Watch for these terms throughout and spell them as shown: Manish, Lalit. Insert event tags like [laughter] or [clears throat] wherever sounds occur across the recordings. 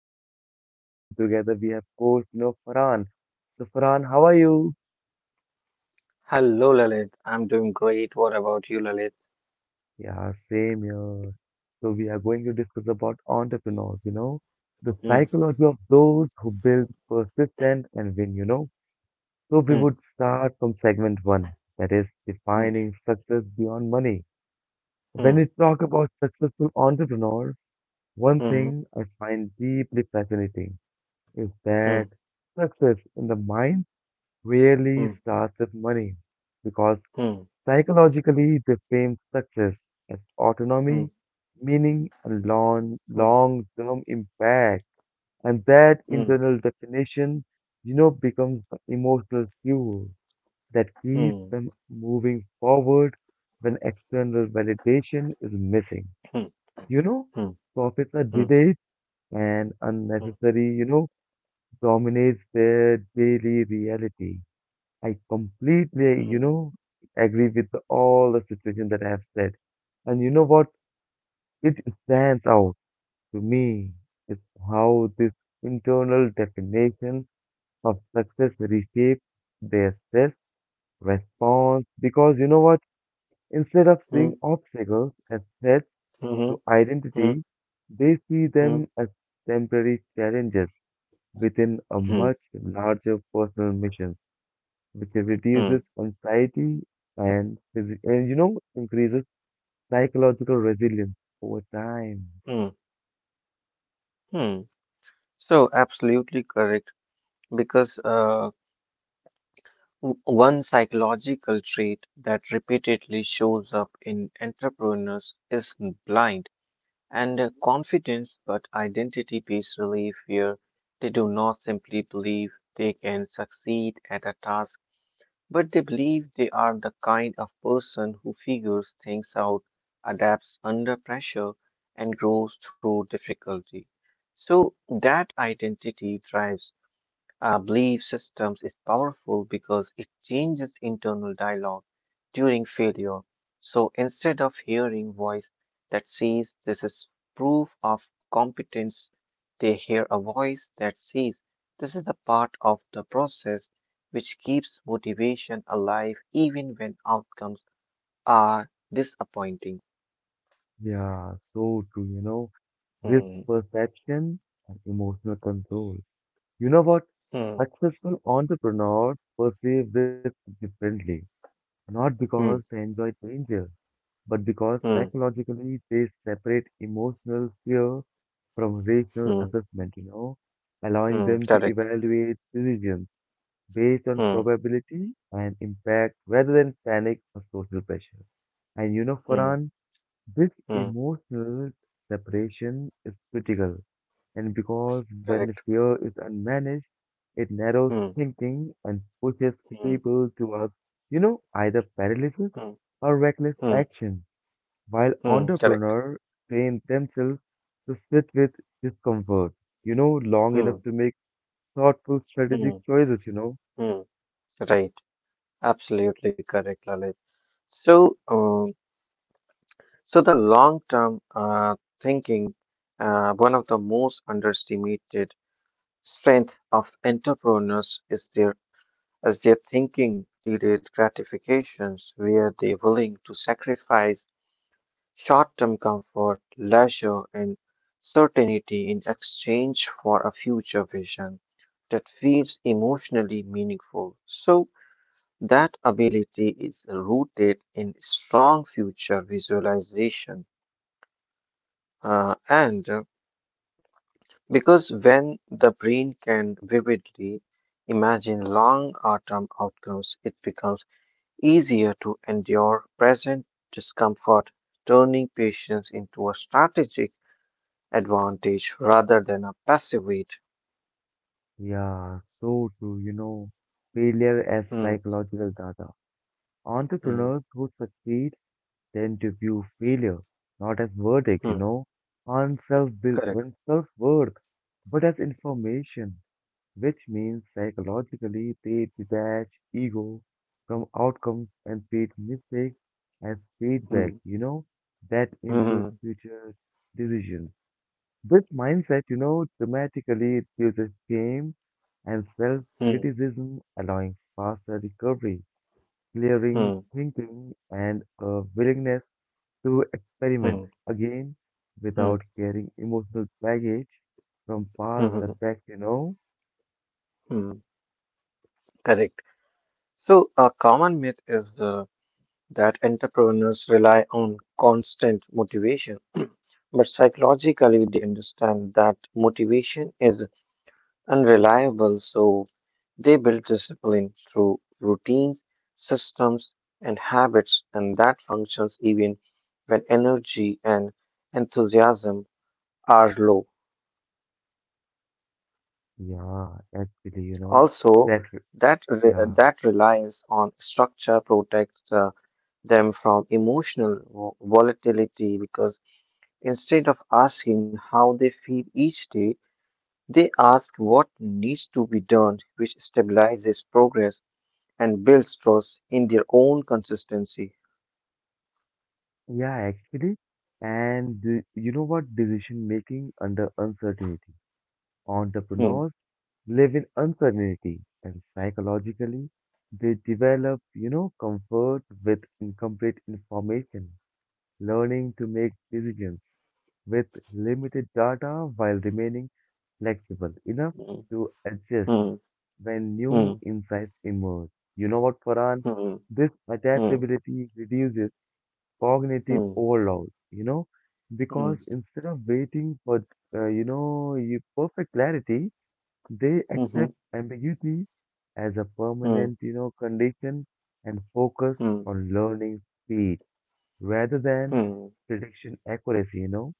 host Lalit, and together we have coach, Farhan. So, Farhan, how are you? Hello, Lalit. I'm doing great. What about you, Lalit? Yeah, same here. So, we are going to discuss about entrepreneurs, the Hmm, psychology of those who build, persistent, and win. So, we hmm, would start from segment one, that is hmm, defining success beyond money. When hmm, we talk about successful entrepreneurs, one hmm, thing I find deeply fascinating is that hmm, success in the mind rarely starts with money because hmm, hmm, psychologically they frame success as hmm, autonomy, meaning, and long, hmm, hmm, long-term impact. And that internal definition, becomes the emotional fuel that keeps them moving forward when external validation is missing. hmm, hmm, hmm, You know, Profits are delayed and unnecessary, dominates their daily reality. I completely, agree with all the situation that I have said. And you know what? It stands out to me. It's how this internal definition of success reshapes their stress response. Because you know what? Instead of hmm, seeing obstacles as threats hmm, hmm, hmm, hmm, hmm, to identity, they see them as temporary challenges within a hmm, much larger personal mission. Which hmm, reduces anxiety and increases psychological resilience over time. hmm, hmm. So, absolutely correct. Because one psychological trait that repeatedly shows up in entrepreneurs is blind and confidence, but identity based relief where they do not simply believe they can succeed at a task, but they believe they are the kind of person who figures things out, adapts under pressure, and grows through difficulty. So that identity drives our belief systems is powerful because it changes internal dialogue during failure. So instead of hearing voice that says this is proof of competence, they hear a voice that says this is a part of the process which keeps motivation alive even when outcomes are disappointing. Yeah, so true, risk Hmm, perception and emotional control. You know what? hmm, Successful entrepreneurs perceive risk differently, not because they hmm, enjoy danger, but because hmm, psychologically they separate emotional fear from rational hmm, assessment, allowing hmm, them to correct. evaluate decisions based on Hmm, probability and impact rather than panic or social pressure. And hmm, Farhan, this hmm, emotional separation is critical. And because when correct. fear is unmanaged, it narrows Hmm, thinking and pushes hmm, people towards, either paralysis hmm, or reckless hmm. action, while Hmm, correct. entrepreneurs train themselves to sit with discomfort, long Hmm, enough to make thoughtful strategic hmm, choices. hmm. Right. Absolutely correct, Lalit. So, um, so the long-term thinking, one of the most underestimated strength of entrepreneurs is their thinking delayed gratifications, where they're willing to sacrifice short-term comfort, leisure, and certainty in exchange for a future vision that feels emotionally meaningful. So. That ability is rooted in strong future visualization. And because when the brain can vividly imagine long term outcomes, it becomes easier to endure present discomfort, turning patience into a strategic advantage rather than a passive wait. Yeah, so true. Failure as Hmm, psychological data. hmm, Entrepreneurs who succeed tend to view failure not as verdict, hmm, correct. on self-worth, but as information, which means psychologically they detach ego from outcomes and treat mistakes as feedback, Hmm, that improves hmm, future decisions. This mindset, dramatically reduces shame and hmm, self-criticism, allowing faster recovery, clearing hmm, thinking, and a willingness to experiment hmm, again without hmm, carrying emotional baggage from hmm, past hmm, setbacks. hmm, correct. So, a common myth is that entrepreneurs rely on constant motivation, [clears throat] but psychologically, they understand that motivation is unreliable, so they build discipline through routines, systems, and habits, and that functions even when energy and enthusiasm are low. Yeah, actually, Also, that, that, re- yeah, that reliance on structure protects them from emotional volatility because instead of asking how they feel each day, they ask what needs to be done, which stabilizes progress and builds trust in their own consistency. yeah, actually. And you know what? Decision making under uncertainty. Hmm, Entrepreneurs live in uncertainty and psychologically they develop, comfort with incomplete information, learning to make decisions with limited data while remaining flexible enough hmm, to adjust hmm, when hmm, new insights emerge. You know what, Farhan? hmm, This adaptability reduces cognitive hmm, overload, because hmm, instead of waiting for, you perfect clarity, they hmm, hmm, hmm, accept ambiguity as a hmm, permanent, condition and focus hmm, on learning speed rather than hmm, prediction accuracy.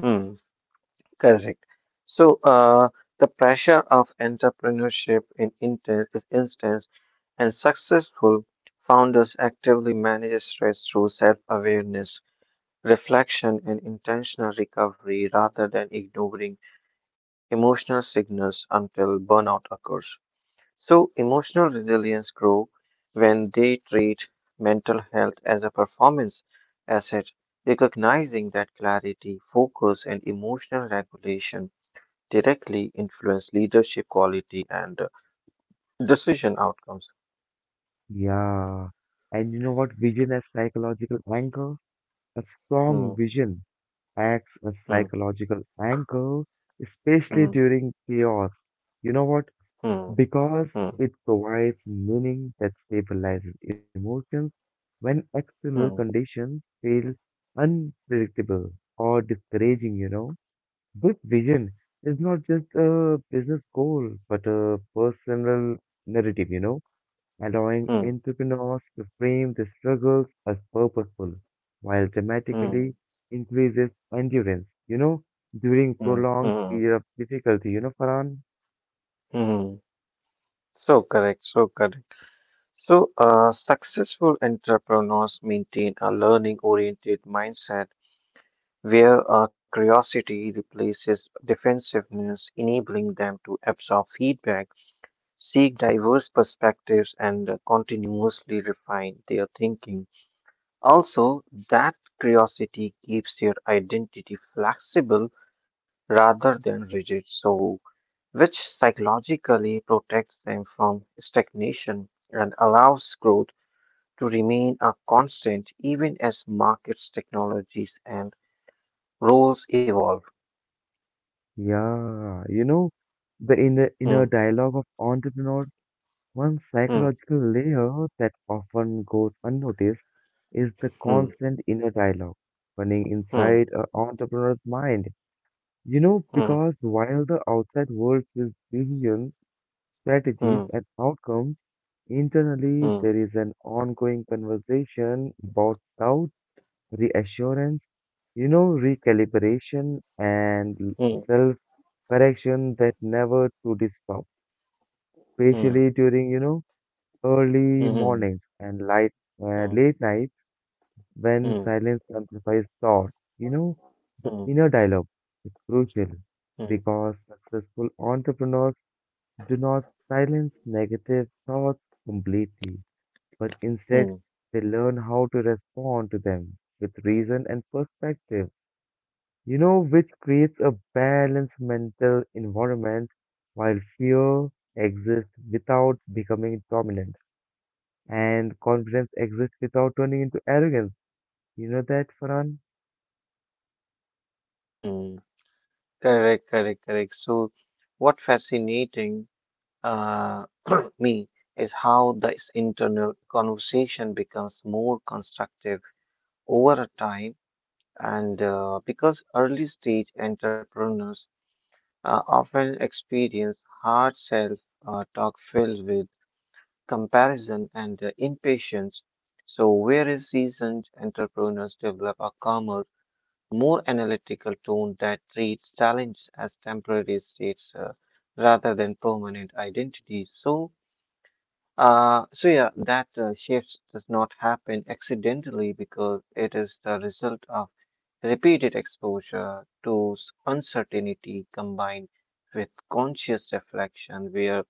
hmm. Correct. So, the pressure of entrepreneurship is instance, and successful founders actively manage stress through self awareness, reflection, and intentional recovery rather than ignoring emotional signals until burnout occurs. So, emotional resilience grows when they treat mental health as a performance asset, recognizing that clarity, focus, and emotional regulation directly influence leadership quality and decision outcomes. Yeah. And you know what? Vision as psychological anchor? A strong Hmm, vision acts as hmm, psychological anchor, especially hmm, during chaos. You know what? hmm. Because Hmm. it provides meaning that stabilizes emotions when external Hmm. conditions feel unpredictable or discouraging. This vision is not just a business goal, but a personal narrative, allowing Hmm. entrepreneurs to frame their struggles as purposeful while dramatically Hmm. increases endurance, during Hmm. prolonged Hmm. period of difficulty, Farhan. Mm. So correct, so correct. So, successful entrepreneurs maintain a learning-oriented mindset where curiosity replaces defensiveness, enabling them to absorb feedback, seek diverse perspectives, and continuously refine their thinking. Also, that curiosity keeps their identity flexible rather than rigid. So, which psychologically protects them from stagnation and allows growth to remain a constant even as markets, technologies, and roles evolve. Yeah, the inner, Hmm, inner dialogue of entrepreneurs, one hmm, psychological layer that often goes unnoticed is the hmm, constant inner dialogue running hmm, inside an entrepreneur's mind. Hmm, Because while the outside world sees visions, strategies, hmm, and outcomes, internally there is an ongoing conversation about doubt, reassurance, recalibration and hmm, self correction that never truly stopped, hmm, especially during, hmm, early hmm, mornings and hmm, late nights when hmm, silence amplifies thought. You know, the hmm, inner dialogue is crucial hmm, because successful entrepreneurs do not silence negative thoughts completely, but hmm, instead they learn how to respond to them with reason and perspective, which creates a balanced mental environment while fear exists without becoming dominant and confidence exists without turning into arrogance. You know that, Farhan? hmm. Correct, correct, correct. So, what fascinating uh, [clears throat] me is how this internal conversation becomes more constructive over a time and because early stage entrepreneurs often experience hard self talk filled with comparison and impatience so whereas seasoned entrepreneurs develop a calmer more analytical tone that treats challenge as temporary states rather than permanent identities so yeah, that shift does not happen accidentally because it is the result of repeated exposure to uncertainty combined with conscious reflection, where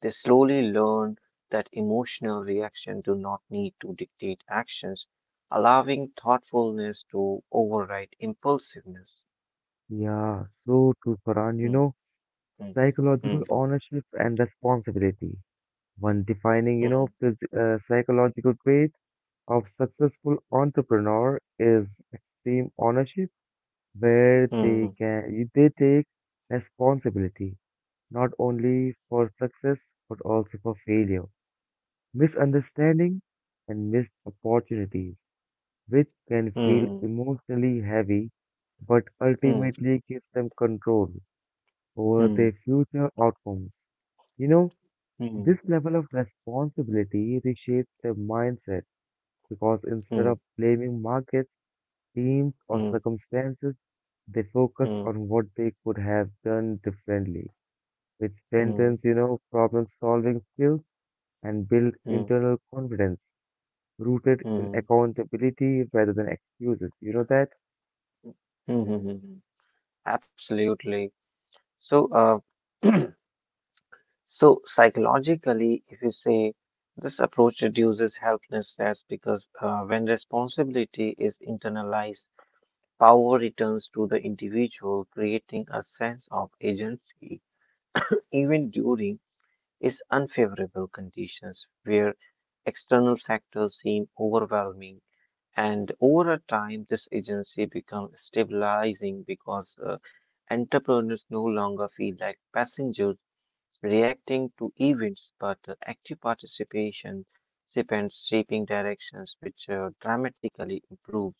they slowly learn that emotional reaction do not need to dictate actions, allowing thoughtfulness to override impulsiveness. Yeah, so true, Farhan. Mm, mm, mm, Psychological ownership and responsibility. One defining, psychological trait of successful entrepreneur is extreme ownership, where mm, they take responsibility not only for success but also for failure, misunderstanding, and missed opportunities, which can feel mm, emotionally heavy but mm, ultimately gives them control over their mm, future outcomes. You know, this mm, level of responsibility reshapes their mindset because instead of mm, blaming markets, teams, or mm, circumstances, they focus mm, mm, on what they could have done differently, which strengthens, mm. Problem solving skills and build Mm, internal confidence rooted in mm, accountability rather than excuses. You know that? mm, mm, mm, mm. Absolutely. So, [clears throat] so psychologically, if you say this approach reduces helplessness because when responsibility is internalized, power returns to the individual, creating a sense of agency, even during is unfavorable conditions where external factors seem overwhelming. And over a time, this agency becomes stabilizing because entrepreneurs no longer feel like passengers reacting to events, but active participation depends shaping directions, which dramatically improves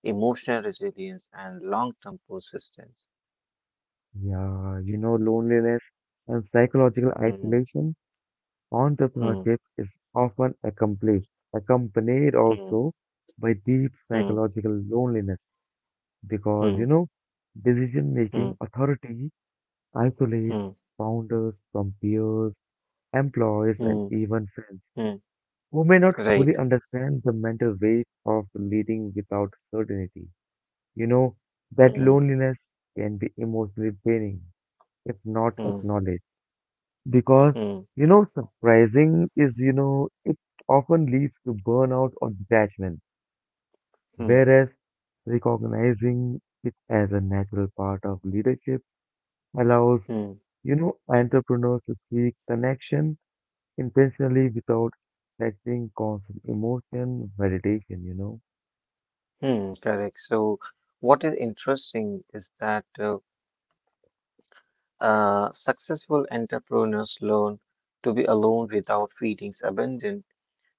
emotional resilience and long-term persistence. Yeah, loneliness and psychological Hmm, isolation. hmm, Entrepreneurship is often accompanied hmm, also by deep hmm, psychological loneliness because, hmm, decision hmm, making authority hmm, isolates founders from peers, employees, and hmm, even friends, hmm. who may not Right. fully understand the mental weight of leading without certainty. You know, that Hmm, loneliness can be emotionally draining if not hmm, acknowledged. Because, hmm, surprising is, it often leads to burnout or detachment. hmm, Whereas recognizing it as a natural part of leadership allows, hmm. Entrepreneurs to seek connection intentionally without affecting constant emotion, validation. Hmm, correct. So, what is interesting is that successful entrepreneurs learn to be alone without feeling abandoned,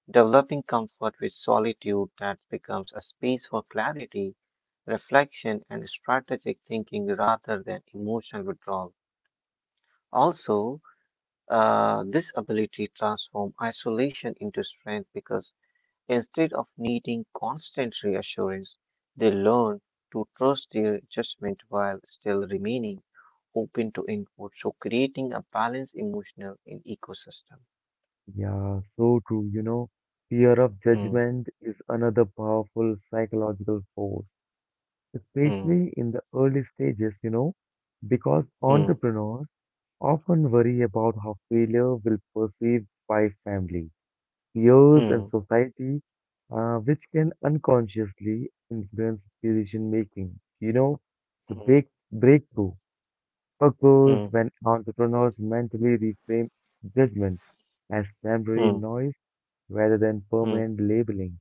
developing comfort with solitude that becomes a space for clarity, reflection, and strategic thinking rather than emotional withdrawal. Also, this ability transforms isolation into strength because instead of needing constant reassurance, they learn to trust their judgment while still remaining open to input, so creating a balanced emotional and ecosystem. Yeah, so true. Fear of Hmm, judgment is another powerful psychological force, hmm, especially in the early stages, because hmm, entrepreneurs often worry about how failure will perceived by family, peers, and hmm, society, which can unconsciously influence decision making. The hmm, big breakthrough occurs hmm, when entrepreneurs mentally reframe judgment as temporary hmm, noise rather than hmm, permanent labeling,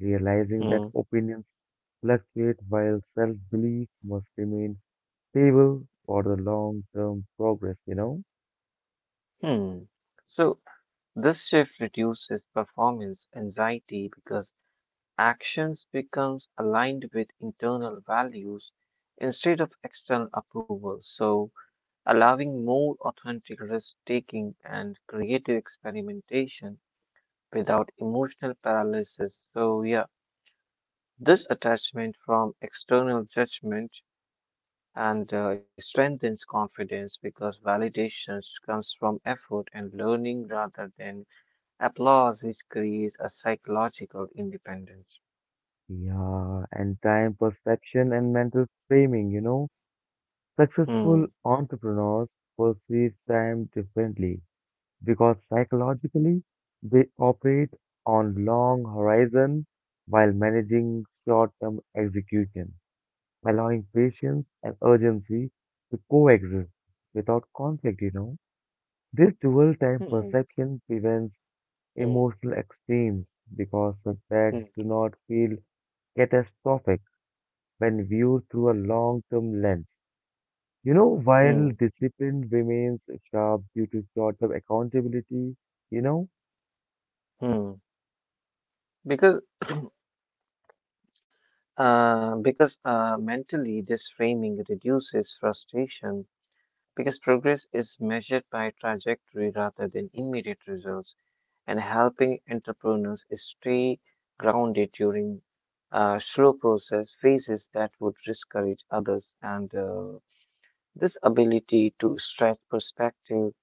realizing that hmm, opinions fluctuate while self belief must remain stable for the long term progress. hmm. So, this shift reduces performance anxiety because actions becomes aligned with internal values instead of external approval. So, allowing more authentic risk taking and creative experimentation without emotional paralysis. So, yeah, this attachment from external judgment and strengthens confidence because validation comes from effort and learning rather than applause, which creates a psychological independence. Yeah, and time perception and mental framing. Hmm. Successful entrepreneurs perceive time differently because psychologically they operate on long horizon while managing short term execution, allowing patience and urgency to coexist without conflict. This dual time Hmm. perception prevents Hmm. emotional extremes because setbacks Hmm. do not feel catastrophic when viewed through a long term lens. While Hmm. discipline remains sharp due to short term accountability, you know, Hmm. Because because mentally this framing reduces frustration because progress is measured by trajectory rather than immediate results, and helping entrepreneurs stay grounded during slow process phases that would discourage others. And this ability to stretch perspective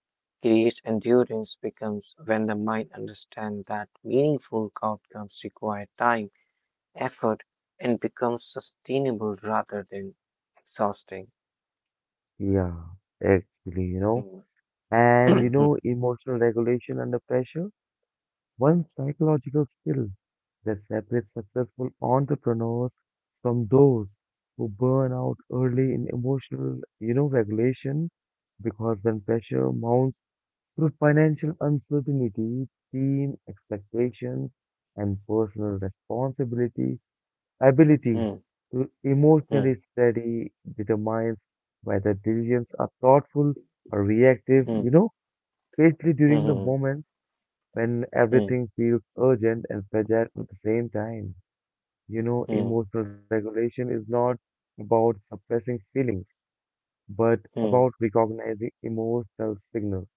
creates endurance becomes when the mind understands that meaningful outcomes require time, effort, and becomes sustainable rather than exhausting. yeah, actually, Hmm. and [clears throat] emotional regulation under pressure. One psychological skill that separates successful entrepreneurs from those who burn out early in emotional, regulation, because when pressure mounts through financial uncertainty, team expectations, and personal responsibility, ability Hmm. to Hmm. emotionally steady determines whether decisions are thoughtful or reactive, Hmm. [clears throat] Especially during the Hmm. moments when Hmm. everything feels urgent and fragile at the same time. Hmm. Emotional regulation is not about suppressing feelings, but Hmm. Hmm. about recognizing emotional signals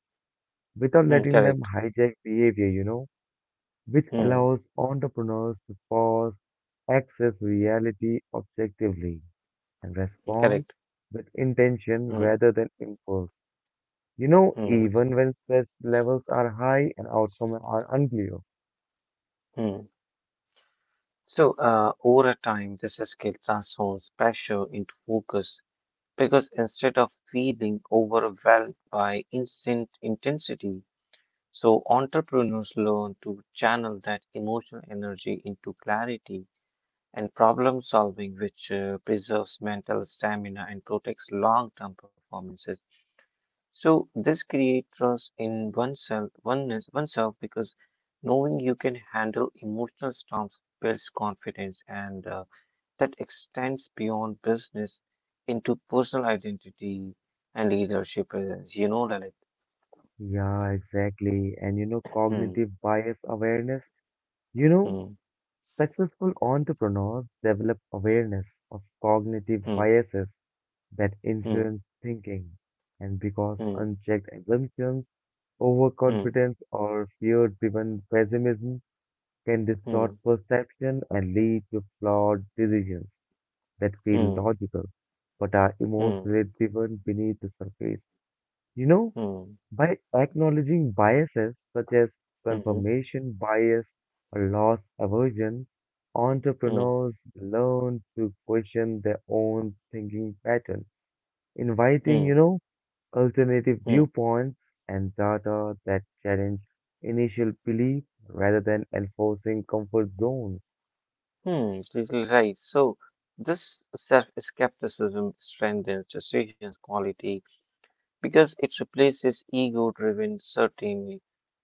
without Hmm, letting correct. them hijack behavior, which Hmm. allows entrepreneurs to pause, access reality objectively, and respond Correct. with intention Hmm. rather than impulse. Hmm. Even when stress levels are high and outcomes are unclear. Hmm. So, over time, this skill transforms pressure into focus because instead of feeling overwhelmed by instant intensity, so entrepreneurs learn to channel that emotional energy into clarity and problem solving, which preserves mental stamina and protects long-term performances. So this creates trust in oneself, oneness, oneself because knowing you can handle emotional storms builds confidence, and that extends beyond business into personal identity and leadership presence. You know, Lalit. Yeah, exactly. And Hmm. cognitive bias awareness. You know, Hmm. Successful entrepreneurs develop awareness of cognitive Hmm. biases that Hmm. influence thinking. And because unchecked assumptions, Hmm. overconfidence, or fear-driven pessimism can distort Hmm. perception and lead to flawed decisions that feel Hmm. logical but are Hmm. emotionally driven beneath the surface. You know, Hmm. By acknowledging biases such as Hmm. Hmm. confirmation bias or loss aversion, Hmm. entrepreneurs learn to question their own thinking pattern, Hmm. inviting, alternative Hmm. viewpoints and data that challenge initial belief rather than enforcing comfort zones. Hmm. Totally right. So this self-skepticism strengthens decisions quality because it replaces ego driven certainty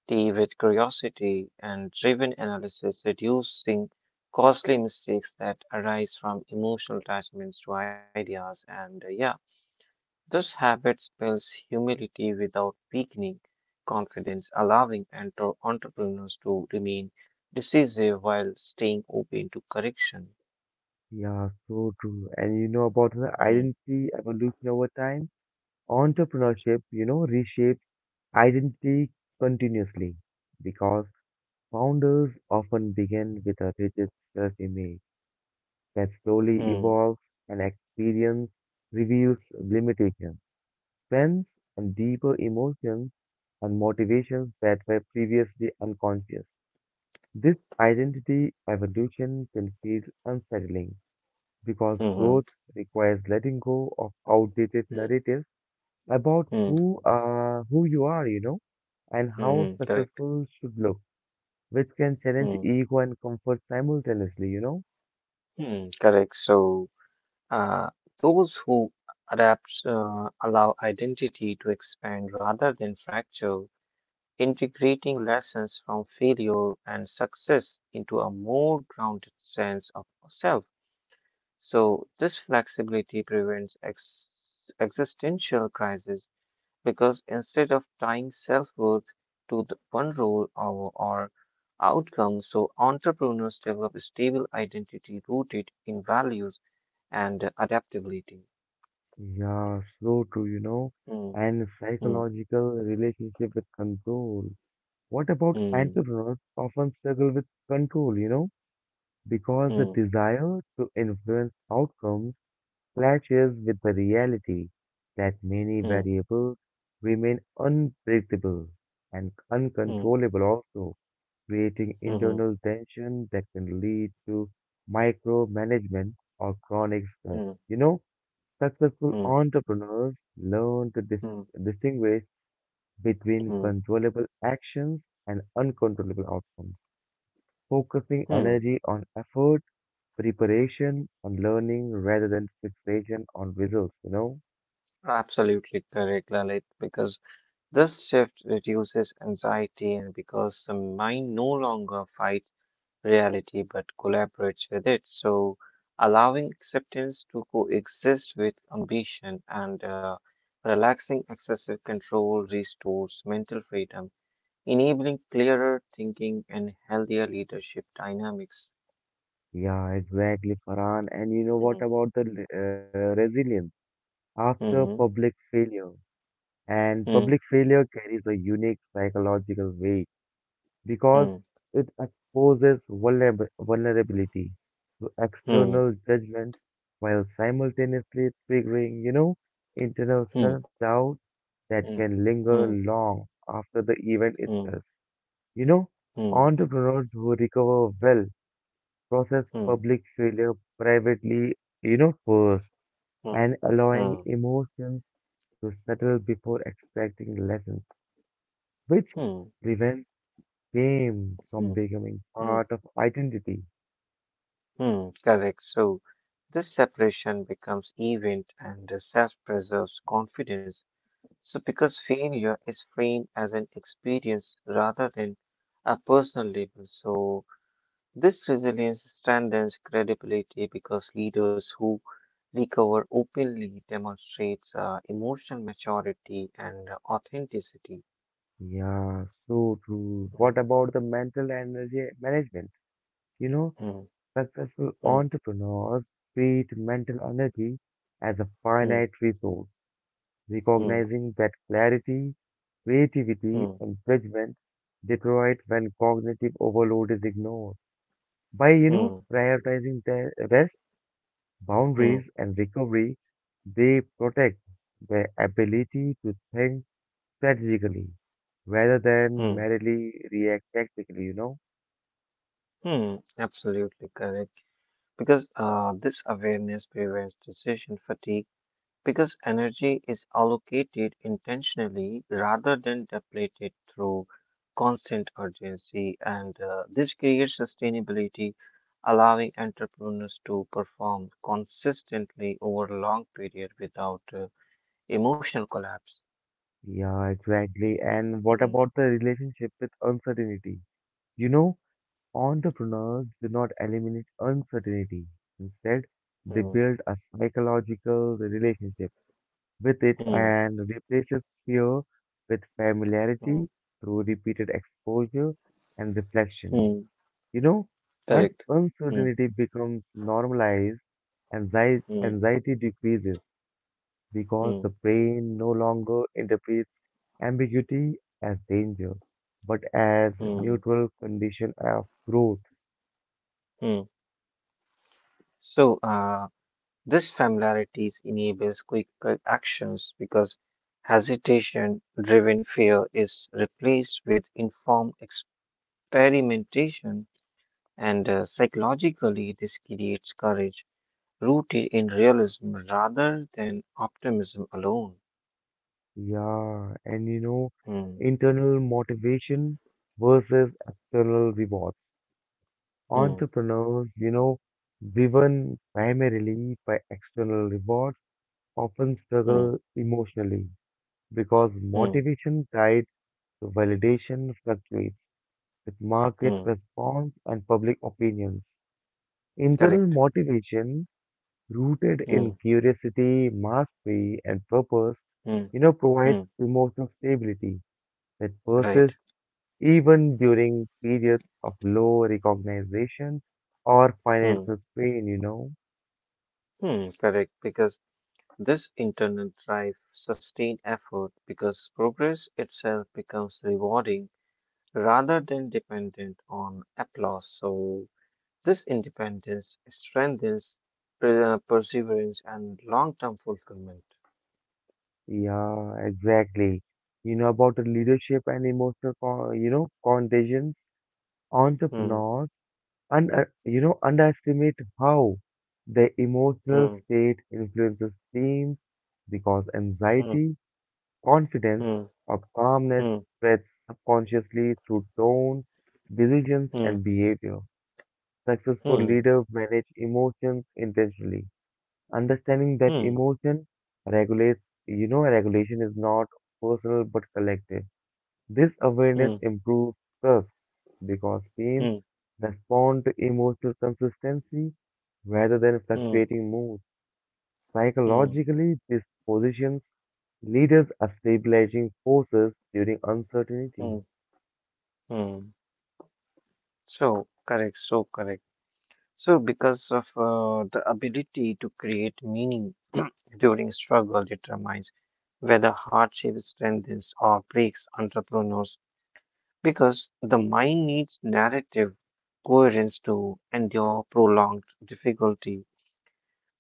with curiosity and driven analysis, reducing costly mistakes that arise from emotional attachments to ideas. And yeah, this habit spells humility without weakening confidence, allowing entrepreneurs to remain decisive while staying open to correction. Yeah, so true. And you know about the Hmm. identity evolution over time? Entrepreneurship, reshapes identity continuously because founders often begin with a rigid self-image that slowly Hmm. evolves and experience reveals limitations, strengths, and deeper emotions and motivations that were previously unconscious. This identity evolution can feel unsettling because Hmm. growth requires letting go of outdated narratives about Hmm. who you are, and Hmm. how Hmm, correct. successful should look, which can challenge Hmm. ego and comfort simultaneously. Hmm. Correct. So. Uh, those who adapt allow identity to expand rather than fracture, integrating lessons from failure and success into a more grounded sense of self. So, this flexibility prevents existential crisis because instead of tying self worth to the one role or outcome, so entrepreneurs develop stable identity rooted in values and adaptability. Yeah, so true, Hmm. and Hmm. psychological relationship with control. What about Hmm. entrepreneurs often struggle with control, because the Hmm. desire to influence outcomes clashes with the reality that many Hmm. variables remain unpredictable and Hmm. uncontrollable also, creating Mhm, internal tension that can lead to micromanagement or chronic stress. hmm. You know, Successful Hmm. entrepreneurs learn to Hmm. distinguish between Mm, controllable actions and uncontrollable outcomes, focusing mm. energy on effort, preparation, and learning rather than fixation on results. Absolutely correct, Lalit, because this shift reduces anxiety and because the mind no longer fights reality but collaborates with it. So, allowing acceptance to coexist with ambition and relaxing excessive control restores mental freedom, enabling clearer thinking and healthier leadership dynamics. Yeah, exactly, Farhan. And you know what about the resilience? After Mm-hmm. public failure, And public Mm, failure carries a unique psychological weight because mm, it exposes vulnerability to mm, external judgment while simultaneously triggering, internal mm, self-doubt mm, that can mm, linger long after the event mm, itself. You know, mm, Entrepreneurs who recover well process mm, public failure privately, first mm, and allowing mm, emotions to settle before extracting lessons, which mm, prevents shame from mm, becoming mm, part of identity. mm. Correct. So this separation becomes event and the self preserves confidence. So because failure is framed as an experience rather than a personal label, so this resilience strengthens credibility because leaders who recover openly demonstrates emotional maturity and authenticity. Yeah, so true. Mm, What about the mental energy management? You know, mm, Successful mm, entrepreneurs treat mental energy as a mm, finite resource, mm, recognizing that clarity, creativity, mm, and judgment deteriorate when cognitive overload is ignored. By, mm, prioritizing their rest mm, boundaries and recovery, they protect their ability to think strategically rather mm, than merely react tactically. mm. Absolutely correct. Because this awareness prevents decision fatigue because energy is allocated intentionally rather than depleted through constant urgency, and this creates sustainability, allowing entrepreneurs to perform consistently over a long period without emotional collapse. Yeah, exactly. And what Hmm, about the relationship with uncertainty? You know, Entrepreneurs do not eliminate uncertainty. Instead, they hmm, build a psychological relationship with it hmm, and replaces fear with hmm, familiarity through repeated exposure and reflection. hmm, You know, as correct. Hmm, uncertainty becomes normalized, anxiety, hmm, anxiety decreases because hmm, the brain no longer interprets ambiguity as danger, but as a hmm, neutral condition of growth. hmm. So, this familiarity enables quick actions because hesitation driven fear is replaced with informed experimentation, and psychologically, this creates courage rooted in realism rather than optimism alone. Yeah, and Hmm, internal motivation versus external rewards. hmm, Entrepreneurs, driven primarily by external rewards, often hmm, struggle emotionally because hmm, motivation guides validation fluctuates with market hmm. response and public opinions. Internal Correct. motivation, rooted in Hmm, curiosity, mastery, and purpose, hmm, provides hmm. emotional stability that Right. persists even during periods of low recognition or Hmm, financial strain. hmm. Correct. Because this internal drive sustained effort because progress itself becomes rewarding rather than dependent on applause. So, this independence strengthens perseverance and long term fulfillment. Yeah, exactly. You know about the leadership and emotional, contagion Hmm, entrepreneurs. And underestimate how the emotional hmm, state influences teams because hmm, anxiety, confidence, hmm, or calmness spreads subconsciously through tone, decisions, hmm, and behavior. hmm, Successful hmm, leaders manage emotions intentionally, understanding hmm, that hmm, hmm, emotion regulates, regulation is not personal but collective. This hmm, awareness improves trust because teams respond to emotional consistency rather than fluctuating moods. hmm, Psychologically, this positions leaders as stabilizing forces during uncertainty. hmm, hmm. So, correct, so correct. So, because of the ability to create meaning during struggle determines whether hardship strengthens or breaks entrepreneurs because the mind needs narrative coherence to endure prolonged difficulty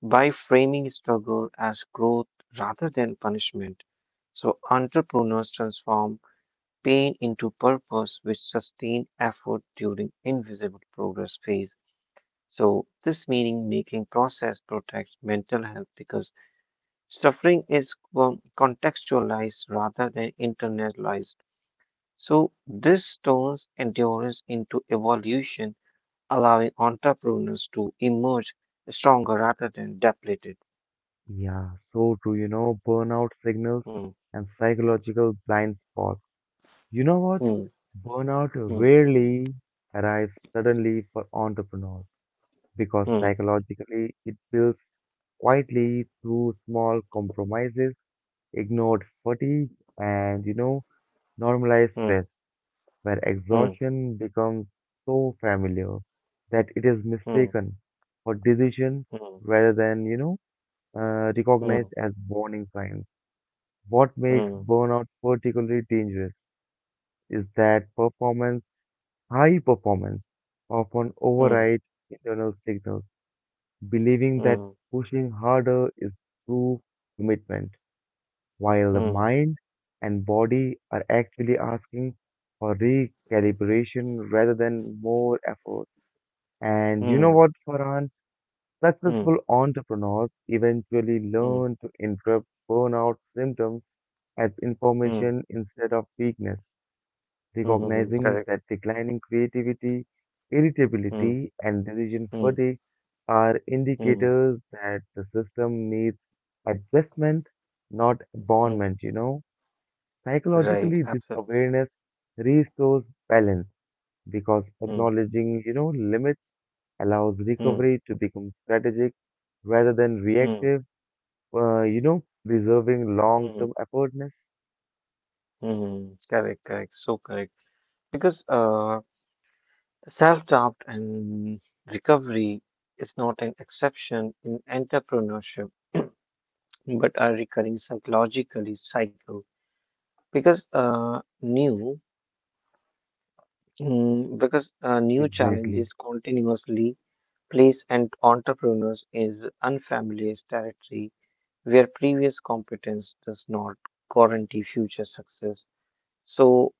by framing struggle as growth rather than punishment. So entrepreneurs transform pain into purpose which sustain effort during invisible progress phase. So this meaning making process protects mental health because suffering is contextualized rather than internalized. So, this turns endurance into evolution, allowing entrepreneurs to emerge stronger rather than depleted. Yeah, so true, burnout signals Hmm, and psychological blind spots. You know what? hmm, Burnout hmm, rarely arrives suddenly for entrepreneurs because hmm, psychologically it builds quietly through small compromises, ignored fatigue, and normalized hmm, stress, where hmm, exhaustion becomes so familiar that it is hmm, mistaken for decision rather than, recognized hmm, as warning signs. What makes hmm, burnout particularly dangerous is that performance, high performance, often hmm, overrides internal signals, believing hmm, hmm, that hmm, hmm, pushing harder is true commitment while the hmm, mind and body are actually asking for recalibration rather than more effort. And you know what, Farhan? Successful entrepreneurs eventually hmm, hmm, learn to interrupt burnout symptoms as hmm, information instead of weakness, hmm, recognizing correct. that declining creativity, Hmm, irritability, and decision hmm, fatigue are hmm, indicators that the system needs adjustment, not hmm. abandonment. Right. Psychologically, this Absolutely. awareness restores balance because Hmm, acknowledging, limits allows hmm, recovery to become strategic rather than hmm, reactive, preserving hmm. long-term effortness. Mm, correct, correct, so correct. Because self-doubt and recovery is not an exception in entrepreneurship, but a recurring psychologically cycle. Because uh, new, because new Exactly. challenges continuously place and entrepreneurs is unfamiliar territory where previous competence does not guarantee future success. So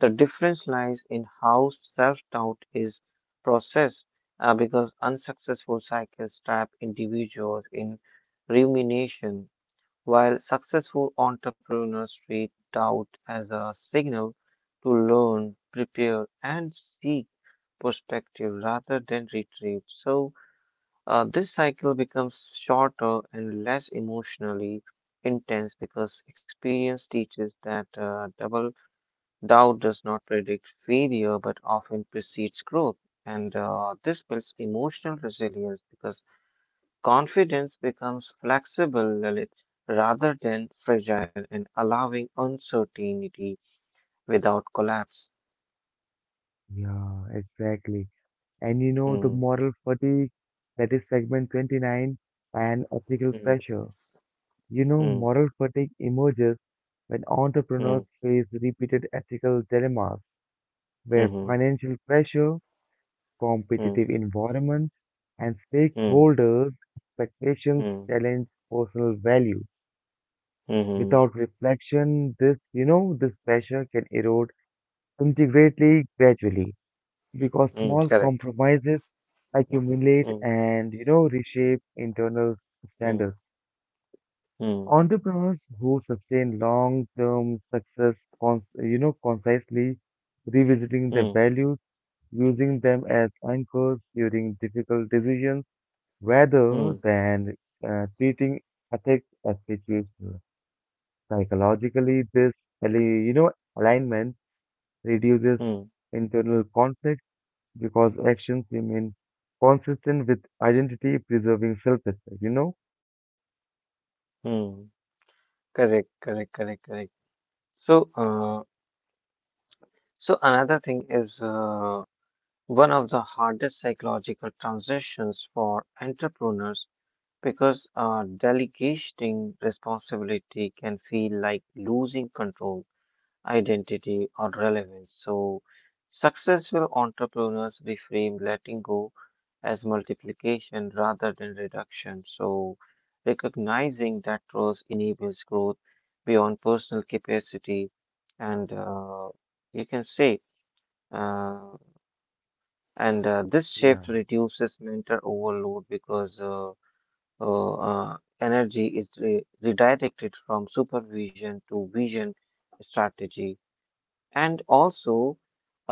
the difference lies in how self doubt is processed because unsuccessful cycles trap individuals in rumination, while successful entrepreneurs treat doubt as a signal to learn, prepare, and seek perspective rather than retreat. So, this cycle becomes shorter and less emotionally intense because experience teaches that double doubt does not predict failure but often precedes growth. And this builds emotional resilience because confidence becomes flexible, Lalit, rather than fragile and allowing uncertainty without collapse. Yeah, exactly. And the Hmm, moral fatigue, that is segment 29, and ethical hmm, pressure. Hmm, Moral fatigue emerges when hmm, entrepreneurs face repeated ethical dilemmas where hmm, financial pressure hmm, competitive environments, and hmm, stakeholders' expectations hmm, challenge personal value. hmm, hmm, Without reflection, this pressure can erode integrally gradually because hmm. small Correct. compromises accumulate Hmm, and, reshape internal hmm, standards. hmm, Entrepreneurs who sustain long-term success, concisely revisiting their hmm, values, using them as anchors during difficult decisions rather hmm, than treating ethics as situational. Psychologically, this ali- you know alignment reduces hmm, internal conflict because actions remain consistent with identity, preserving self-respect. Hmm. Correct, correct, correct, correct. So, so another thing is one of the hardest psychological transitions for entrepreneurs because delegating responsibility can feel like losing control, identity, or relevance. So successful entrepreneurs reframe letting go as multiplication rather than reduction. So recognizing that roles enables growth beyond personal capacity, and you can say uh, and this Yeah. shift reduces mental overload because energy is re redirected from supervision to vision strategy. And also,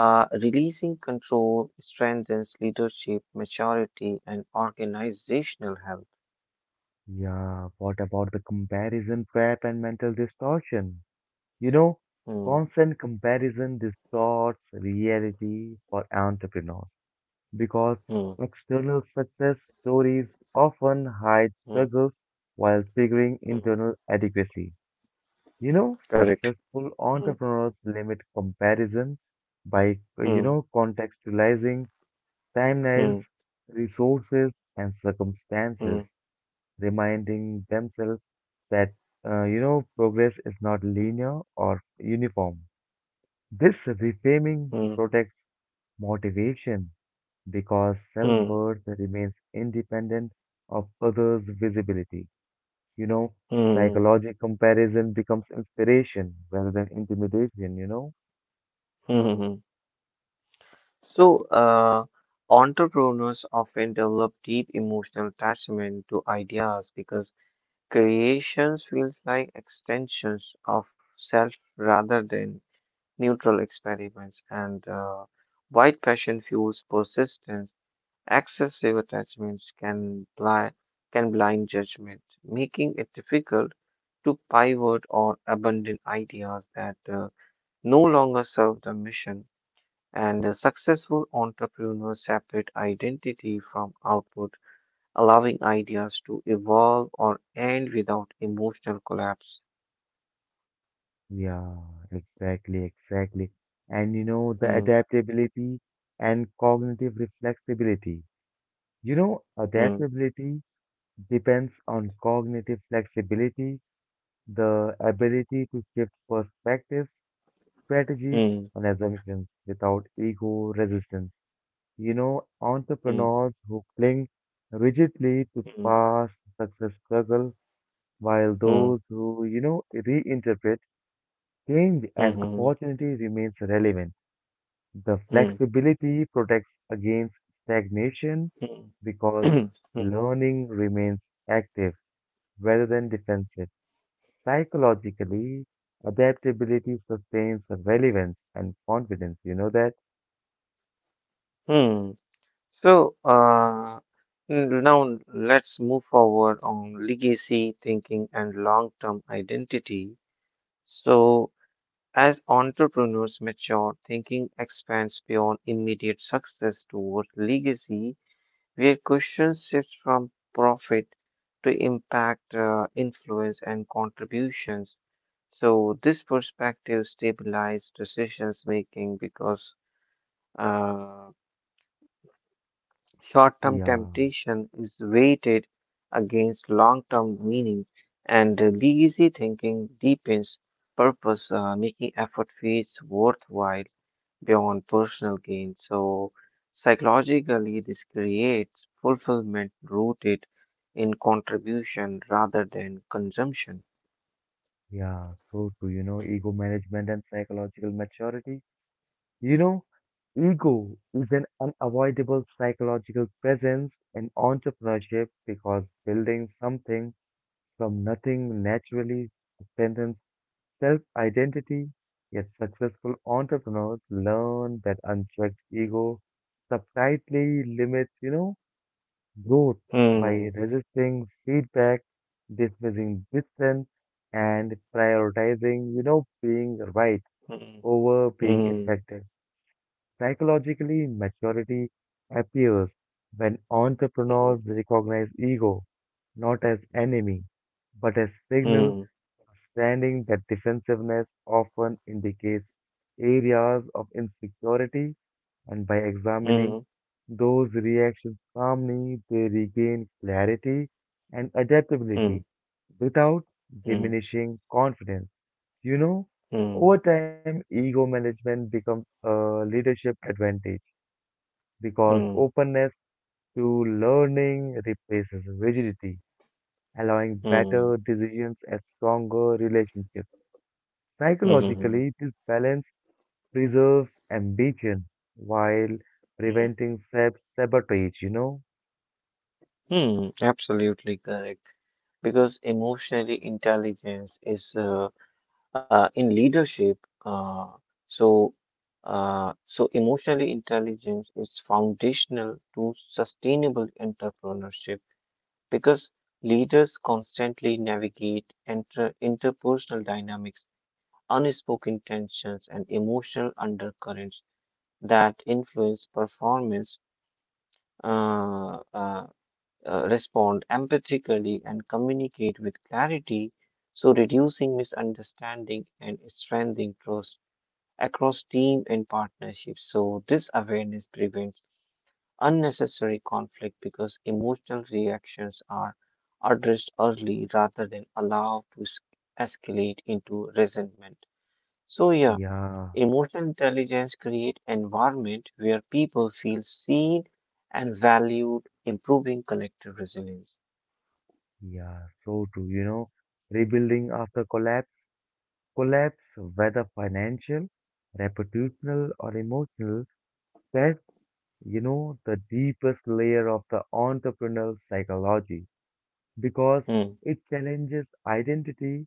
releasing control strengthens leadership, maturity, and organizational health. Yeah. What about the comparison trap and mental distortion? You know, Hmm, constant comparison distorts reality for entrepreneurs because hmm, external success stories often hide hmm, struggles while figuring hmm. internal adequacy. Correct. Successful Hmm, entrepreneurs limit comparison by, hmm, contextualizing hmm, timelines, resources, and hmm, circumstances, reminding themselves that, progress is not linear or uniform. This reframing hmm, protects motivation because self hmm, worth remains independent of others' visibility. You know, hmm, hmm, psychological comparison becomes inspiration rather than intimidation. hmm, hmm, hmm. So, entrepreneurs often develop deep emotional attachment to ideas because creations feels like extensions of self rather than neutral experiments. And white passion fuels persistence. Excessive attachments can blind judgment, making it difficult to pivot or abandon ideas that no longer serve the mission, and successful entrepreneurs separate identity from output, allowing ideas to evolve or end without emotional collapse. Yeah, exactly, exactly. And the Hmm, adaptability and cognitive reflexibility. Hmm, Adaptability depends on cognitive flexibility, the ability to shift perspectives, strategies, hmm, and assumptions without ego resistance. Hmm, Entrepreneurs who cling rigidly to hmm, past success struggle, while hmm, those who, reinterpret change as hmm, opportunity remains relevant. The hmm, flexibility protects against stagnation hmm, because hmm, [clears throat] learning remains active rather than defensive. Psychologically, adaptability sustains relevance and confidence. You know that? hmm. So, now let's move forward on legacy thinking and long term identity. So, as entrepreneurs mature, thinking expands beyond immediate success toward legacy, where questions shift from profit to impact, influence, and contributions. So, this perspective stabilizes decisions making because uh, Short term Yeah. temptation is weighted against long term meaning, and lazy thinking deepens purpose, making effort feels worthwhile beyond personal gain. So, psychologically, this creates fulfillment rooted in contribution rather than consumption. Yeah, so true. Ego management and psychological maturity. You know, ego is an unavoidable psychological presence in entrepreneurship because building something from nothing naturally strengthens self-identity. Yet successful entrepreneurs learn that unchecked ego subtly limits, growth by Hmm. resisting feedback, dismissing dissent, and prioritizing, being right Hmm. over being Hmm. effective. Psychologically, maturity appears when entrepreneurs recognize ego not as enemy, but as signal Hmm. understanding that defensiveness often indicates areas of insecurity and by Hmm. examining those reactions calmly, they regain clarity and Hmm. adaptability without Hmm. diminishing confidence. You know, Hmm. over time, ego management becomes a leadership advantage because Hmm. openness to learning replaces rigidity, allowing Hmm. better decisions and stronger relationships. Hmm. Psychologically, this balance preserves ambition while Hmm. preventing self sabotage. Hmm, absolutely correct. Because emotionally intelligence is in leadership. Uh, so, so emotionally intelligence is foundational to sustainable entrepreneurship because leaders constantly navigate inter interpersonal dynamics, unspoken tensions, and emotional undercurrents that influence performance. Uh, uh, respond empathically and communicate with clarity, so reducing misunderstanding and strengthening trust across team and partnerships. So this awareness prevents unnecessary conflict because emotional reactions are addressed early rather than allowed to escalate into resentment. So yeah, Yeah. emotional intelligence create environment where people feel seen and valued, improving collective resilience. Yeah, so true. Rebuilding after collapse, whether financial, reputational, or emotional, that's, the deepest layer of the entrepreneurial psychology because Hmm. it challenges identity,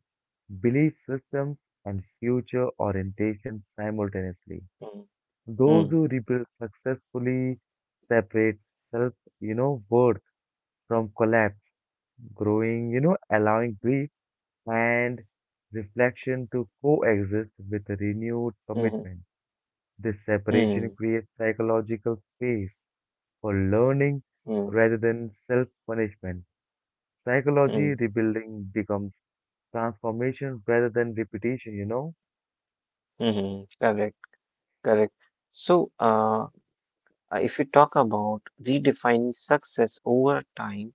belief systems, and future orientation simultaneously. Mm, Those mm, who rebuild successfully separate self, worth from collapse, growing, allowing grief and reflection to coexist with a renewed mm, commitment. This separation mm, creates psychological space for learning mm, rather than self punishment. Psychology mm, rebuilding becomes transformation rather than repetition. mm. Correct, correct. So, if you talk about redefining success over time,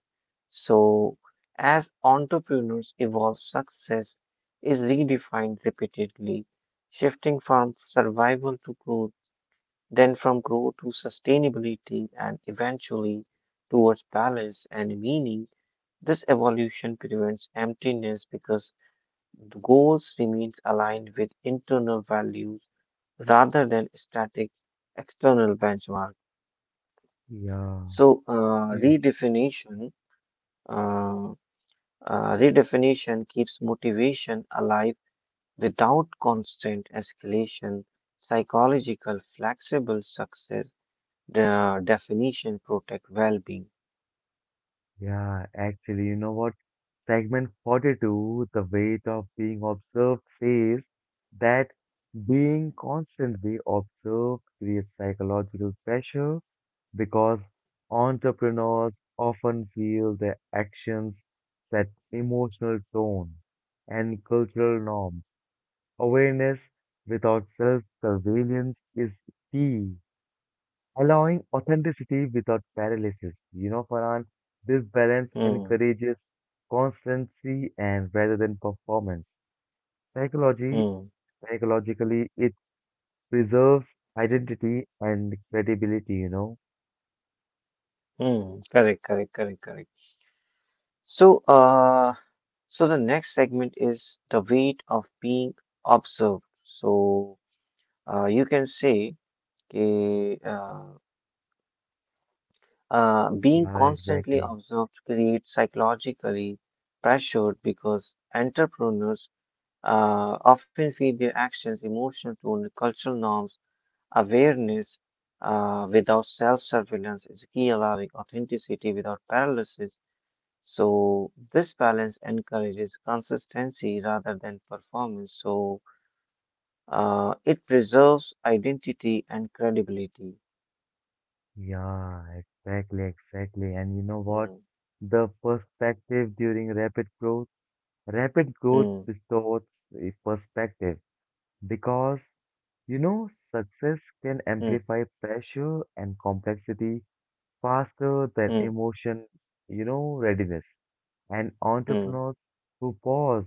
so as entrepreneurs evolve, success is redefined repeatedly, shifting from survival to growth, then from growth to sustainability, and eventually towards balance and meaning. This evolution prevents emptiness because goals remains aligned with internal values rather than static external benchmark. Yeah, So yes, uh, redefinition keeps motivation alive without constant escalation. Psychological flexible success definition protect well-being. yeah, actually, you know what? Segment 42, the Weight of Being Observed, says that being constantly observed creates psychological pressure because entrepreneurs often feel their actions set emotional tone and cultural norms. Awareness without self-surveillance is key, allowing authenticity without paralysis. You know, Farhan, this balance Hmm, encourages constancy and rather than performance. Psychology, hmm, psychologically, it preserves identity and credibility. hmm. Correct, correct, correct, correct. So, the next segment is the weight of being observed. So, you can say कि, being Yeah, constantly exactly. observed creates psychologically pressure because entrepreneurs often feed their actions, emotions, tone, cultural norms, awareness without self-surveillance is key, allowing authenticity without paralysis. So this balance encourages consistency rather than performance. So it preserves identity and credibility. Yeah, exactly, exactly. And you know what? Hmm, The perspective during rapid growth hmm, distorts the perspective because, you know, success can hmm, amplify pressure and complexity faster than hmm, emotion, readiness. And hmm, entrepreneurs who pause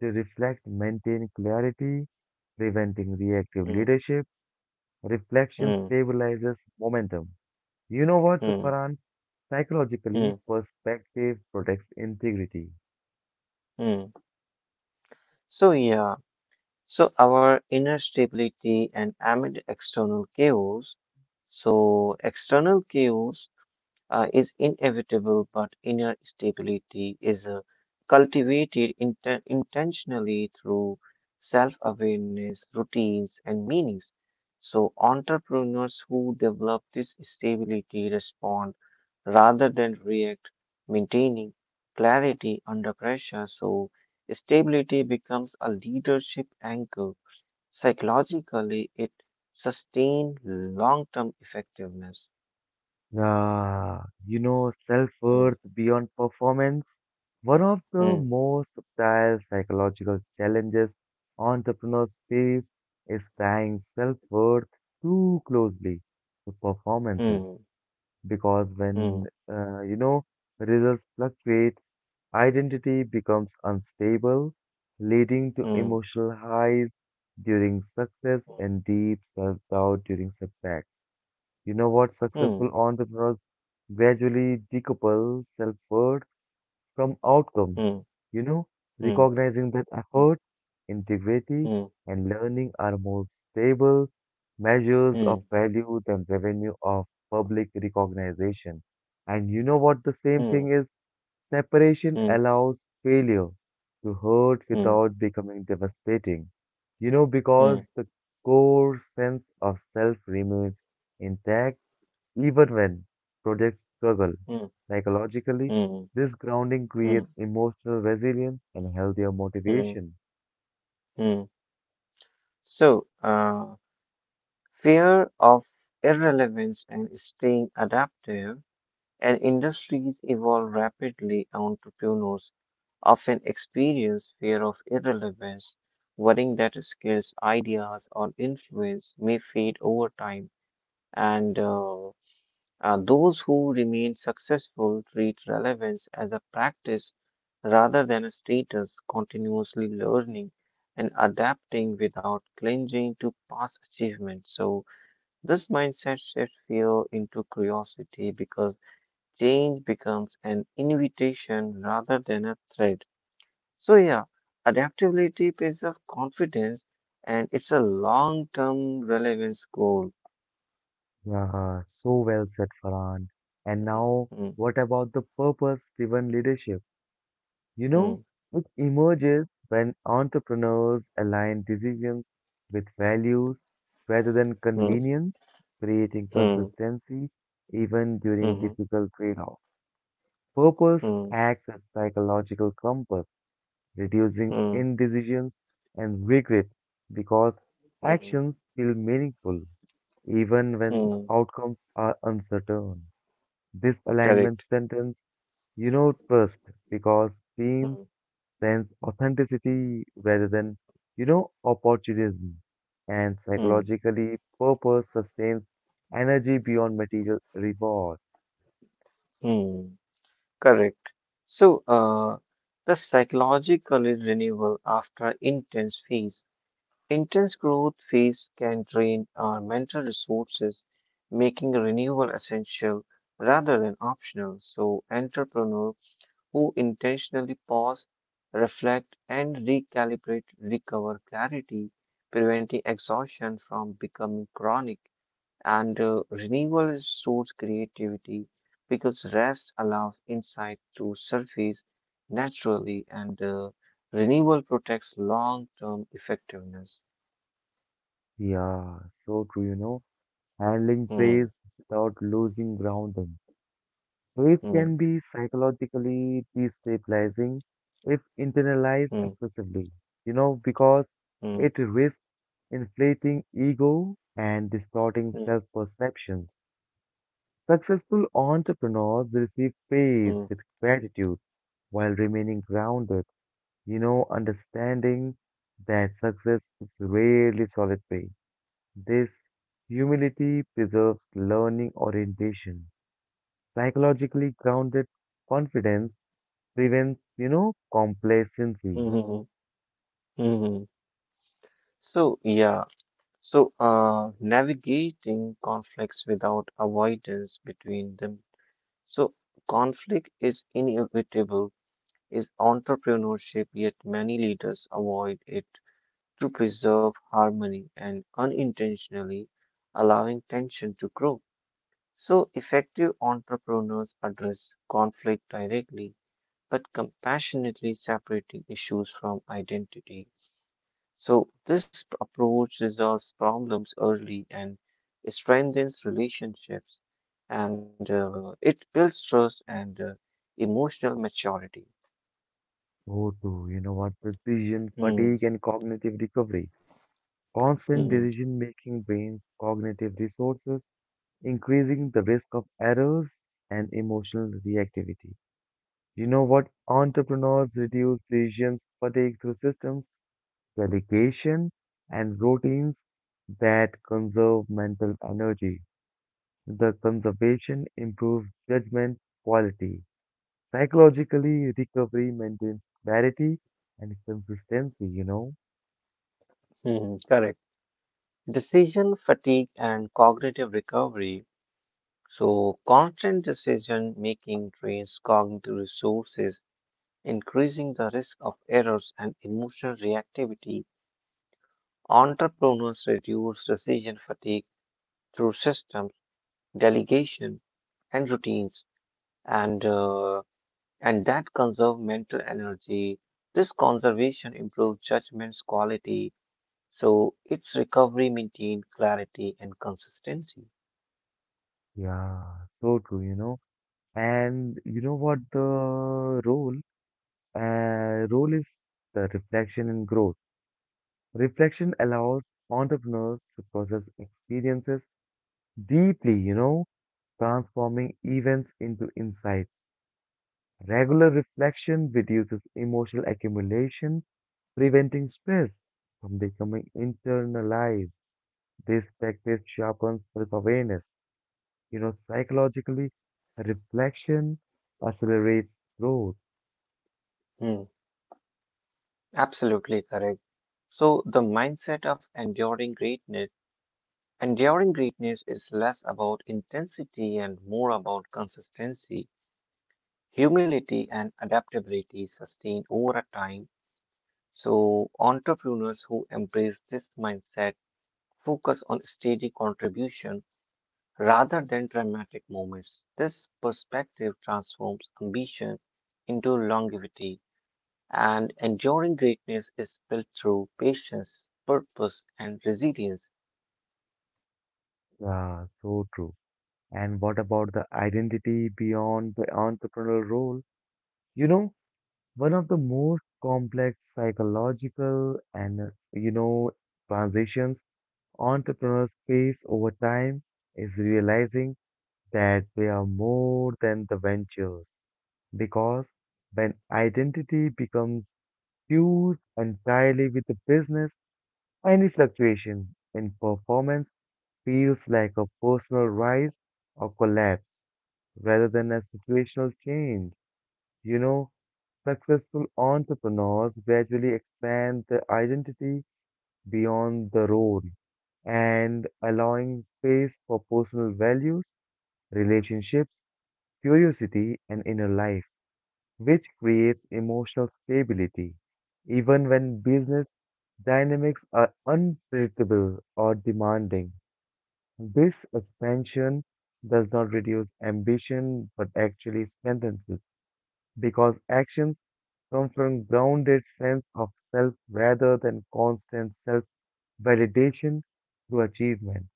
to reflect maintain clarity, preventing reactive hmm, leadership. Reflection hmm, stabilizes momentum. You know what, hmm, Farhan? Psychologically, hmm, perspective protects integrity. hmm. So yeah, so our inner stability and amid external chaos. So external chaos is inevitable, but inner stability is cultivated intentionally through self awareness, routines, and meanings. So, entrepreneurs who develop this stability respond rather than react, maintaining clarity under pressure. So, stability becomes a leadership anchor. Psychologically, it sustains long term effectiveness. Ah, Mm, self-worth beyond performance. One of the mm, most subtle psychological challenges entrepreneurs face is tying self-worth too closely to performances mm. because [laughs] when, Mm, uh, you know, results fluctuate, identity becomes unstable, leading to mm, emotional highs during success and deep self-doubt during setbacks. You know what? mm, Successful entrepreneurs gradually decouple self-worth from outcomes. mm, You know, mm, recognizing that effort, integrity, mm, and learning are more stable measures mm, of value than revenue of public recognition. And you know what the same mm, thing is? Separation mm, allows failure to hurt mm, without becoming devastating, mm, mm, because the core sense of self remains intact even when projects struggle. mm, Psychologically, mm, this grounding mm, creates emotional resilience and healthier mm, motivation. mm. So, fear of irrelevance and staying adaptive, and industries evolve rapidly. Entrepreneurs often experience fear of irrelevance, worrying that skills, ideas, or influence may fade over time, and those who remain successful treat relevance as a practice rather than a status, continuously learning and adapting without clinging to past achievements. So, this mindset shifts fear into curiosity because change becomes an invitation rather than a threat. So, yeah, adaptability is a confidence and it's a long term relevance goal. Yeah, so well said, Farhan. And Mm, now, mm, what about the purpose driven leadership? You know, mm, it emerges when entrepreneurs align decisions with values rather than mm, convenience, creating mm, consistency even during mhm, difficult trade-offs. Purpose mm. acts as psychological compass, reducing Mm, indecisions and regret because mm, actions feel meaningful even when mm, outcomes are uncertain. This correct. alignment strengthens trust because Mm, teams sense authenticity rather than, opportunism. And mm, psychologically, purpose sustains energy beyond material reward. mm, correct. So, the psychological renewal after intense phase. Intense growth phase can drain our mental resources, making renewal essential rather than optional. So, entrepreneurs who intentionally pause, reflect, and recalibrate recover clarity, preventing exhaustion from becoming chronic. And renewal source creativity because rest allows insight to surface naturally, and renewal protects long term effectiveness. Yeah, so true. Handling Hmm, praise without losing grounding. Praise hmm, can be psychologically destabilizing if internalized hmm, excessively, because hmm, it risks inflating ego and distorting hmm, self perceptions. Successful entrepreneurs receive praise hmm, with gratitude while remaining grounded, understanding that success is rarely solitary. This humility preserves learning orientation. Psychologically grounded confidence prevents, complacency. hmm, hmm, hmm. So, yeah, so navigating conflicts without avoidance between them. So, conflict is inevitable, is entrepreneurship, yet many leaders avoid it to preserve harmony and unintentionally allowing tension to grow. So, effective entrepreneurs address conflict directly but compassionately separating issues from identity. So, this approach resolves problems early and strengthens relationships, and it builds trust and emotional maturity. Oh, too, you know what? Decision Hmm, fatigue and cognitive recovery. Constant hmm, decision making drains cognitive resources, increasing the risk of errors and emotional reactivity. You know what? Entrepreneurs reduce decision fatigue through systems, dedication, and routines that conserve mental energy. The conservation improves judgment quality. Psychologically, recovery maintains clarity and consistency. hmm, correct. Decision fatigue and cognitive recovery. So, constant decision making drains cognitive resources, increasing the risk of errors and emotional reactivity. Entrepreneurs reduce decision fatigue through systems, delegation, and routines, and and that conserve mental energy. This conservation improves judgment's quality, so its recovery maintains clarity and consistency. Yeah, so true, And you know what the role? Role is the reflection and growth. Reflection allows entrepreneurs to process experiences deeply, transforming events into insights. Regular reflection reduces emotional accumulation, preventing stress from becoming internalized. This practice sharpens self-awareness. Psychologically, reflection accelerates growth. Hmm. Absolutely correct. So the mindset of enduring greatness: enduring greatness is less about intensity and more about consistency, humility and adaptability sustained over a time. So entrepreneurs who embrace this mindset focus on steady contribution rather than dramatic moments. This perspective transforms ambition into longevity. And enduring greatness is built through patience, purpose, and resilience. Ah, so true. And what about the identity beyond the entrepreneurial role? You know, one of the most complex psychological and, you know, transitions entrepreneurs face over time is realizing that they are more than the ventures. Because when identity becomes fused entirely with the business, any fluctuation in performance feels like a personal rise or collapse rather than a situational change. You know, successful entrepreneurs gradually expand their identity beyond the role and allowing space for personal values, relationships, curiosity, and inner life. Which creates emotional stability even when business dynamics are unpredictable or demanding. This expansion does not reduce ambition but actually strengthens it because actions come from grounded sense of self rather than constant self validation through achievement.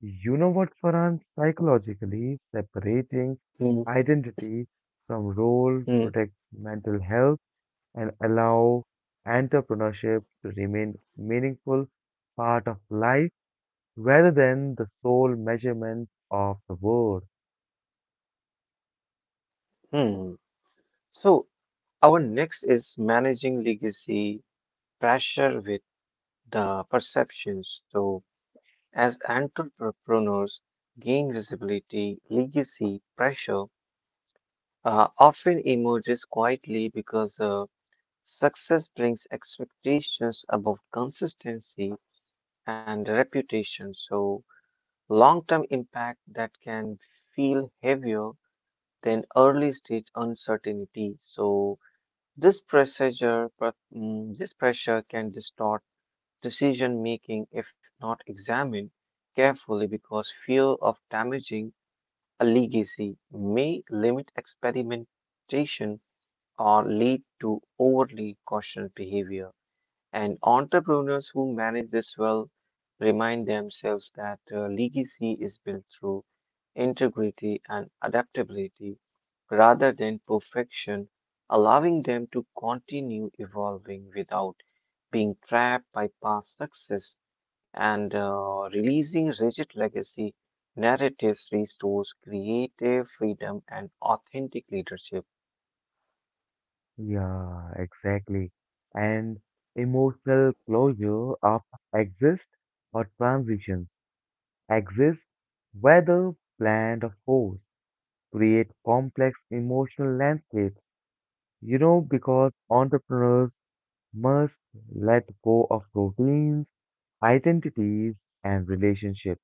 You know what, Farhan? Psychologically, separating Hmm, identity from role hmm, protects mental health and allow entrepreneurship to remain meaningful part of life rather than the sole measurement of the world. hmm. So, our next is managing legacy pressure with the perception. So, as entrepreneurs gain visibility, legacy pressure often emerges quietly because success brings expectations about consistency and reputation. So, long term impact that can feel heavier than early stage uncertainty. So, this pressure can distort decision making if not examined carefully because fear of damaging a legacy may limit experimentation or lead to overly cautious behavior. And entrepreneurs who manage this well remind themselves that legacy is built through integrity, and adaptability rather than perfection, allowing them to continue evolving without being trapped by past success, and releasing rigid legacy narratives restores creative freedom and authentic leadership. Yeah, exactly. And emotional closure often exists or transitions exist whether planned or forced, create complex emotional landscapes. Because entrepreneurs must let go of routines, identities, and relationships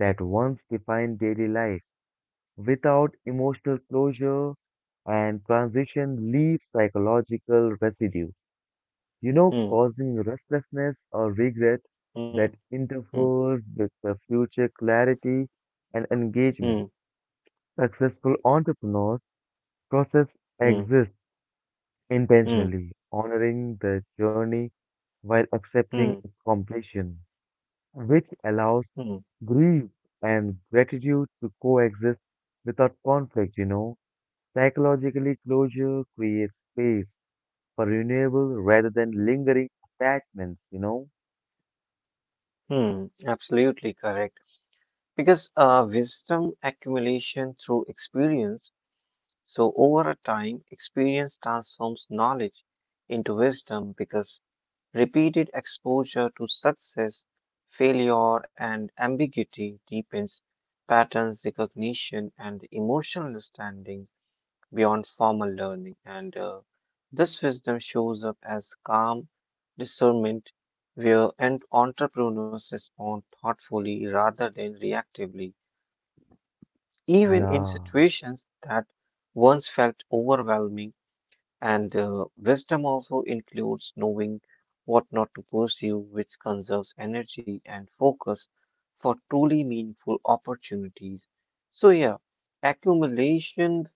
that once defined daily life. Without emotional closure and transition leaves psychological residue, Hmm, causing restlessness or regret hmm, that hmm, interferes with the future clarity and engagement. hmm, Successful entrepreneurs process exists hmm, intentionally, honoring the journey while hmm, accepting hmm, its completion. Which allows hmm, grief and gratitude to coexist without conflict. Psychologically, closure creates space for renewable rather than lingering attachments. hmm. Absolutely correct. Because wisdom accumulation through experience. So, over a time, experience transforms knowledge into wisdom because repeated exposure to success, failure, and ambiguity deepens patterns recognition and emotional understanding beyond formal learning. And this wisdom shows up as calm discernment, where entrepreneurs respond thoughtfully rather than reactively, even in Yeah, situations that once felt overwhelming, and wisdom also includes knowing what not to pursue, which conserves energy and focus for truly meaningful opportunities. So, yeah, accumulation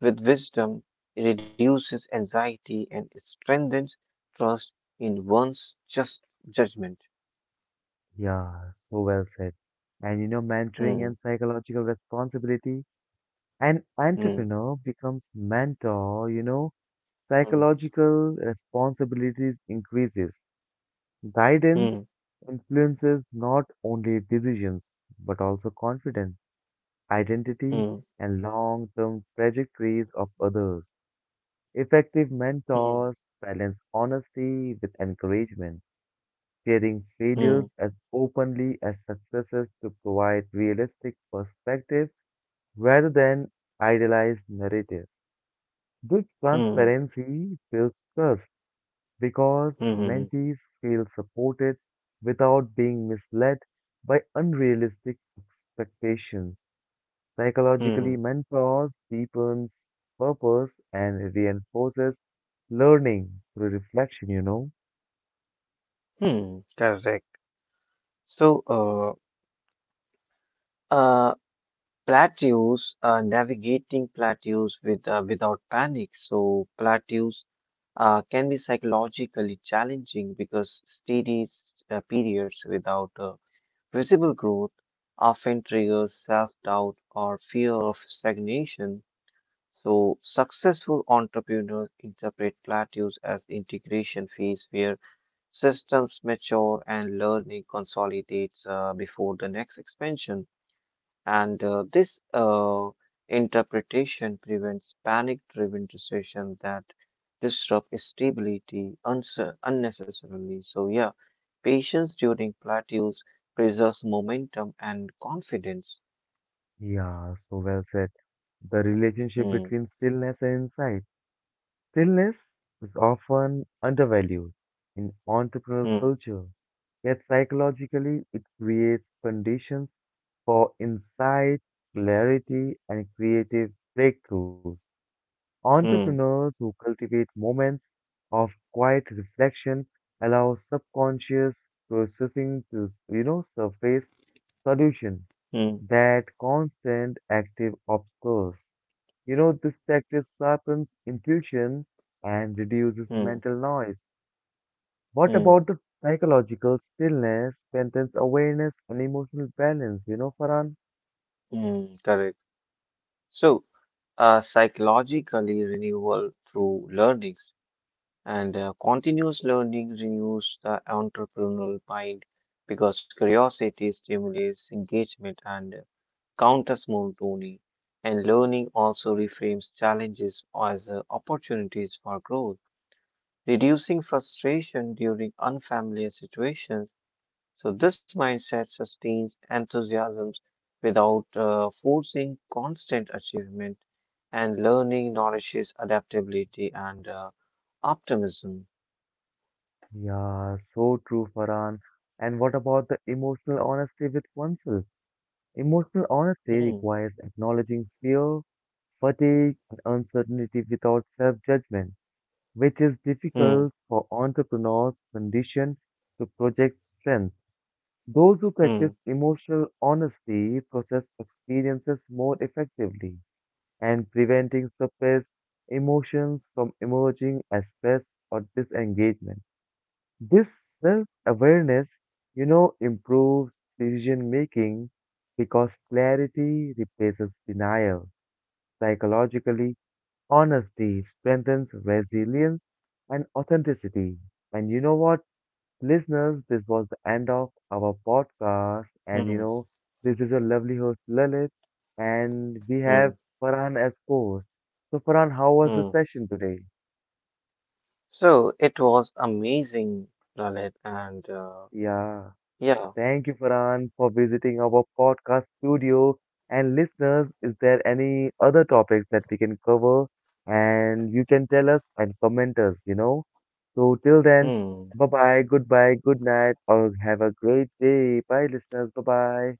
with wisdom reduces anxiety and strengthens trust in one's just judgment. yeah, so well said. And Hmm, mentoring and psychological responsibility. An hmm, entrepreneur becomes mentor, hmm, psychological responsibilities increases. Guidance hmm, influences not only decisions, but also confidence, identity, hmm, and long term trajectories of others. Effective hmm, mentors balance honesty with encouragement, sharing hmm, failures as openly as successes to provide realistic perspective rather than idealized narrative. This hmm, transparency builds trust because hmm, hmm, mentees feel supported without being misled by unrealistic expectations. Psychologically, hmm, mentors deepens purpose and reinforces learning through reflection. hmm. Correct. So, uh, uh, navigating plateaus with without panic. So plateaus can be psychologically challenging because steady periods without visible growth often triggers self-doubt or fear of stagnation. So successful entrepreneurs interpret plateaus as integration phase where systems mature and learning consolidates before the next expansion. And this interpretation prevents panic driven decisions that disrupt stability unnecessarily. So, yeah, patience during plateaus preserves momentum and confidence. Yeah, so well said. The relationship Hmm, between stillness and insight. Stillness is often undervalued in entrepreneurial hmm, culture, yet psychologically it creates conditions for insight, clarity, and creative breakthroughs. hmm, Entrepreneurs who cultivate moments of quiet reflection allow subconscious processing to, surface solution hmm, that constant active obscures. This practice sharpens intuition and reduces hmm, mental noise. What hmm, about the psychological stillness, strengthens awareness and emotional balance, you know, Farhan? hmm, correct. So, psychologically renewal through learnings. And continuous learning renews the entrepreneurial mind because curiosity stimulates engagement and counters monotony. And learning also reframes challenges as opportunities for growth, reducing frustration during unfamiliar situations. So, this mindset sustains enthusiasms without forcing constant achievement, and learning nourishes adaptability and optimism. Yeah, so true, Farhan. And what about the emotional honesty with oneself? Emotional honesty Hmm. requires acknowledging fear, fatigue, and uncertainty without self-judgment, which is Hmm. difficult for entrepreneurs conditioned to project strength. Those who Hmm. practice emotional honesty process experiences more effectively and preventing suppressed emotions from emerging as stress or disengagement. This self-awareness, improves decision making because clarity replaces denial. Psychologically, honesty strengthens resilience and authenticity. And you know what? Listeners, this was the end of our podcast. And Hmm. This is your lovely host Lalit, and we have Hmm. Farhan as host. So, Farhan, how was the Hmm. session today? So it was amazing, Lalit, and Yeah, yeah. thank you, Farhan, for visiting our podcast studio. And listeners, is there any other topics that we can cover? And you can tell us and comment us, So, till then, Hmm. bye bye, goodbye, good night, or have a great day. Bye, listeners, bye bye.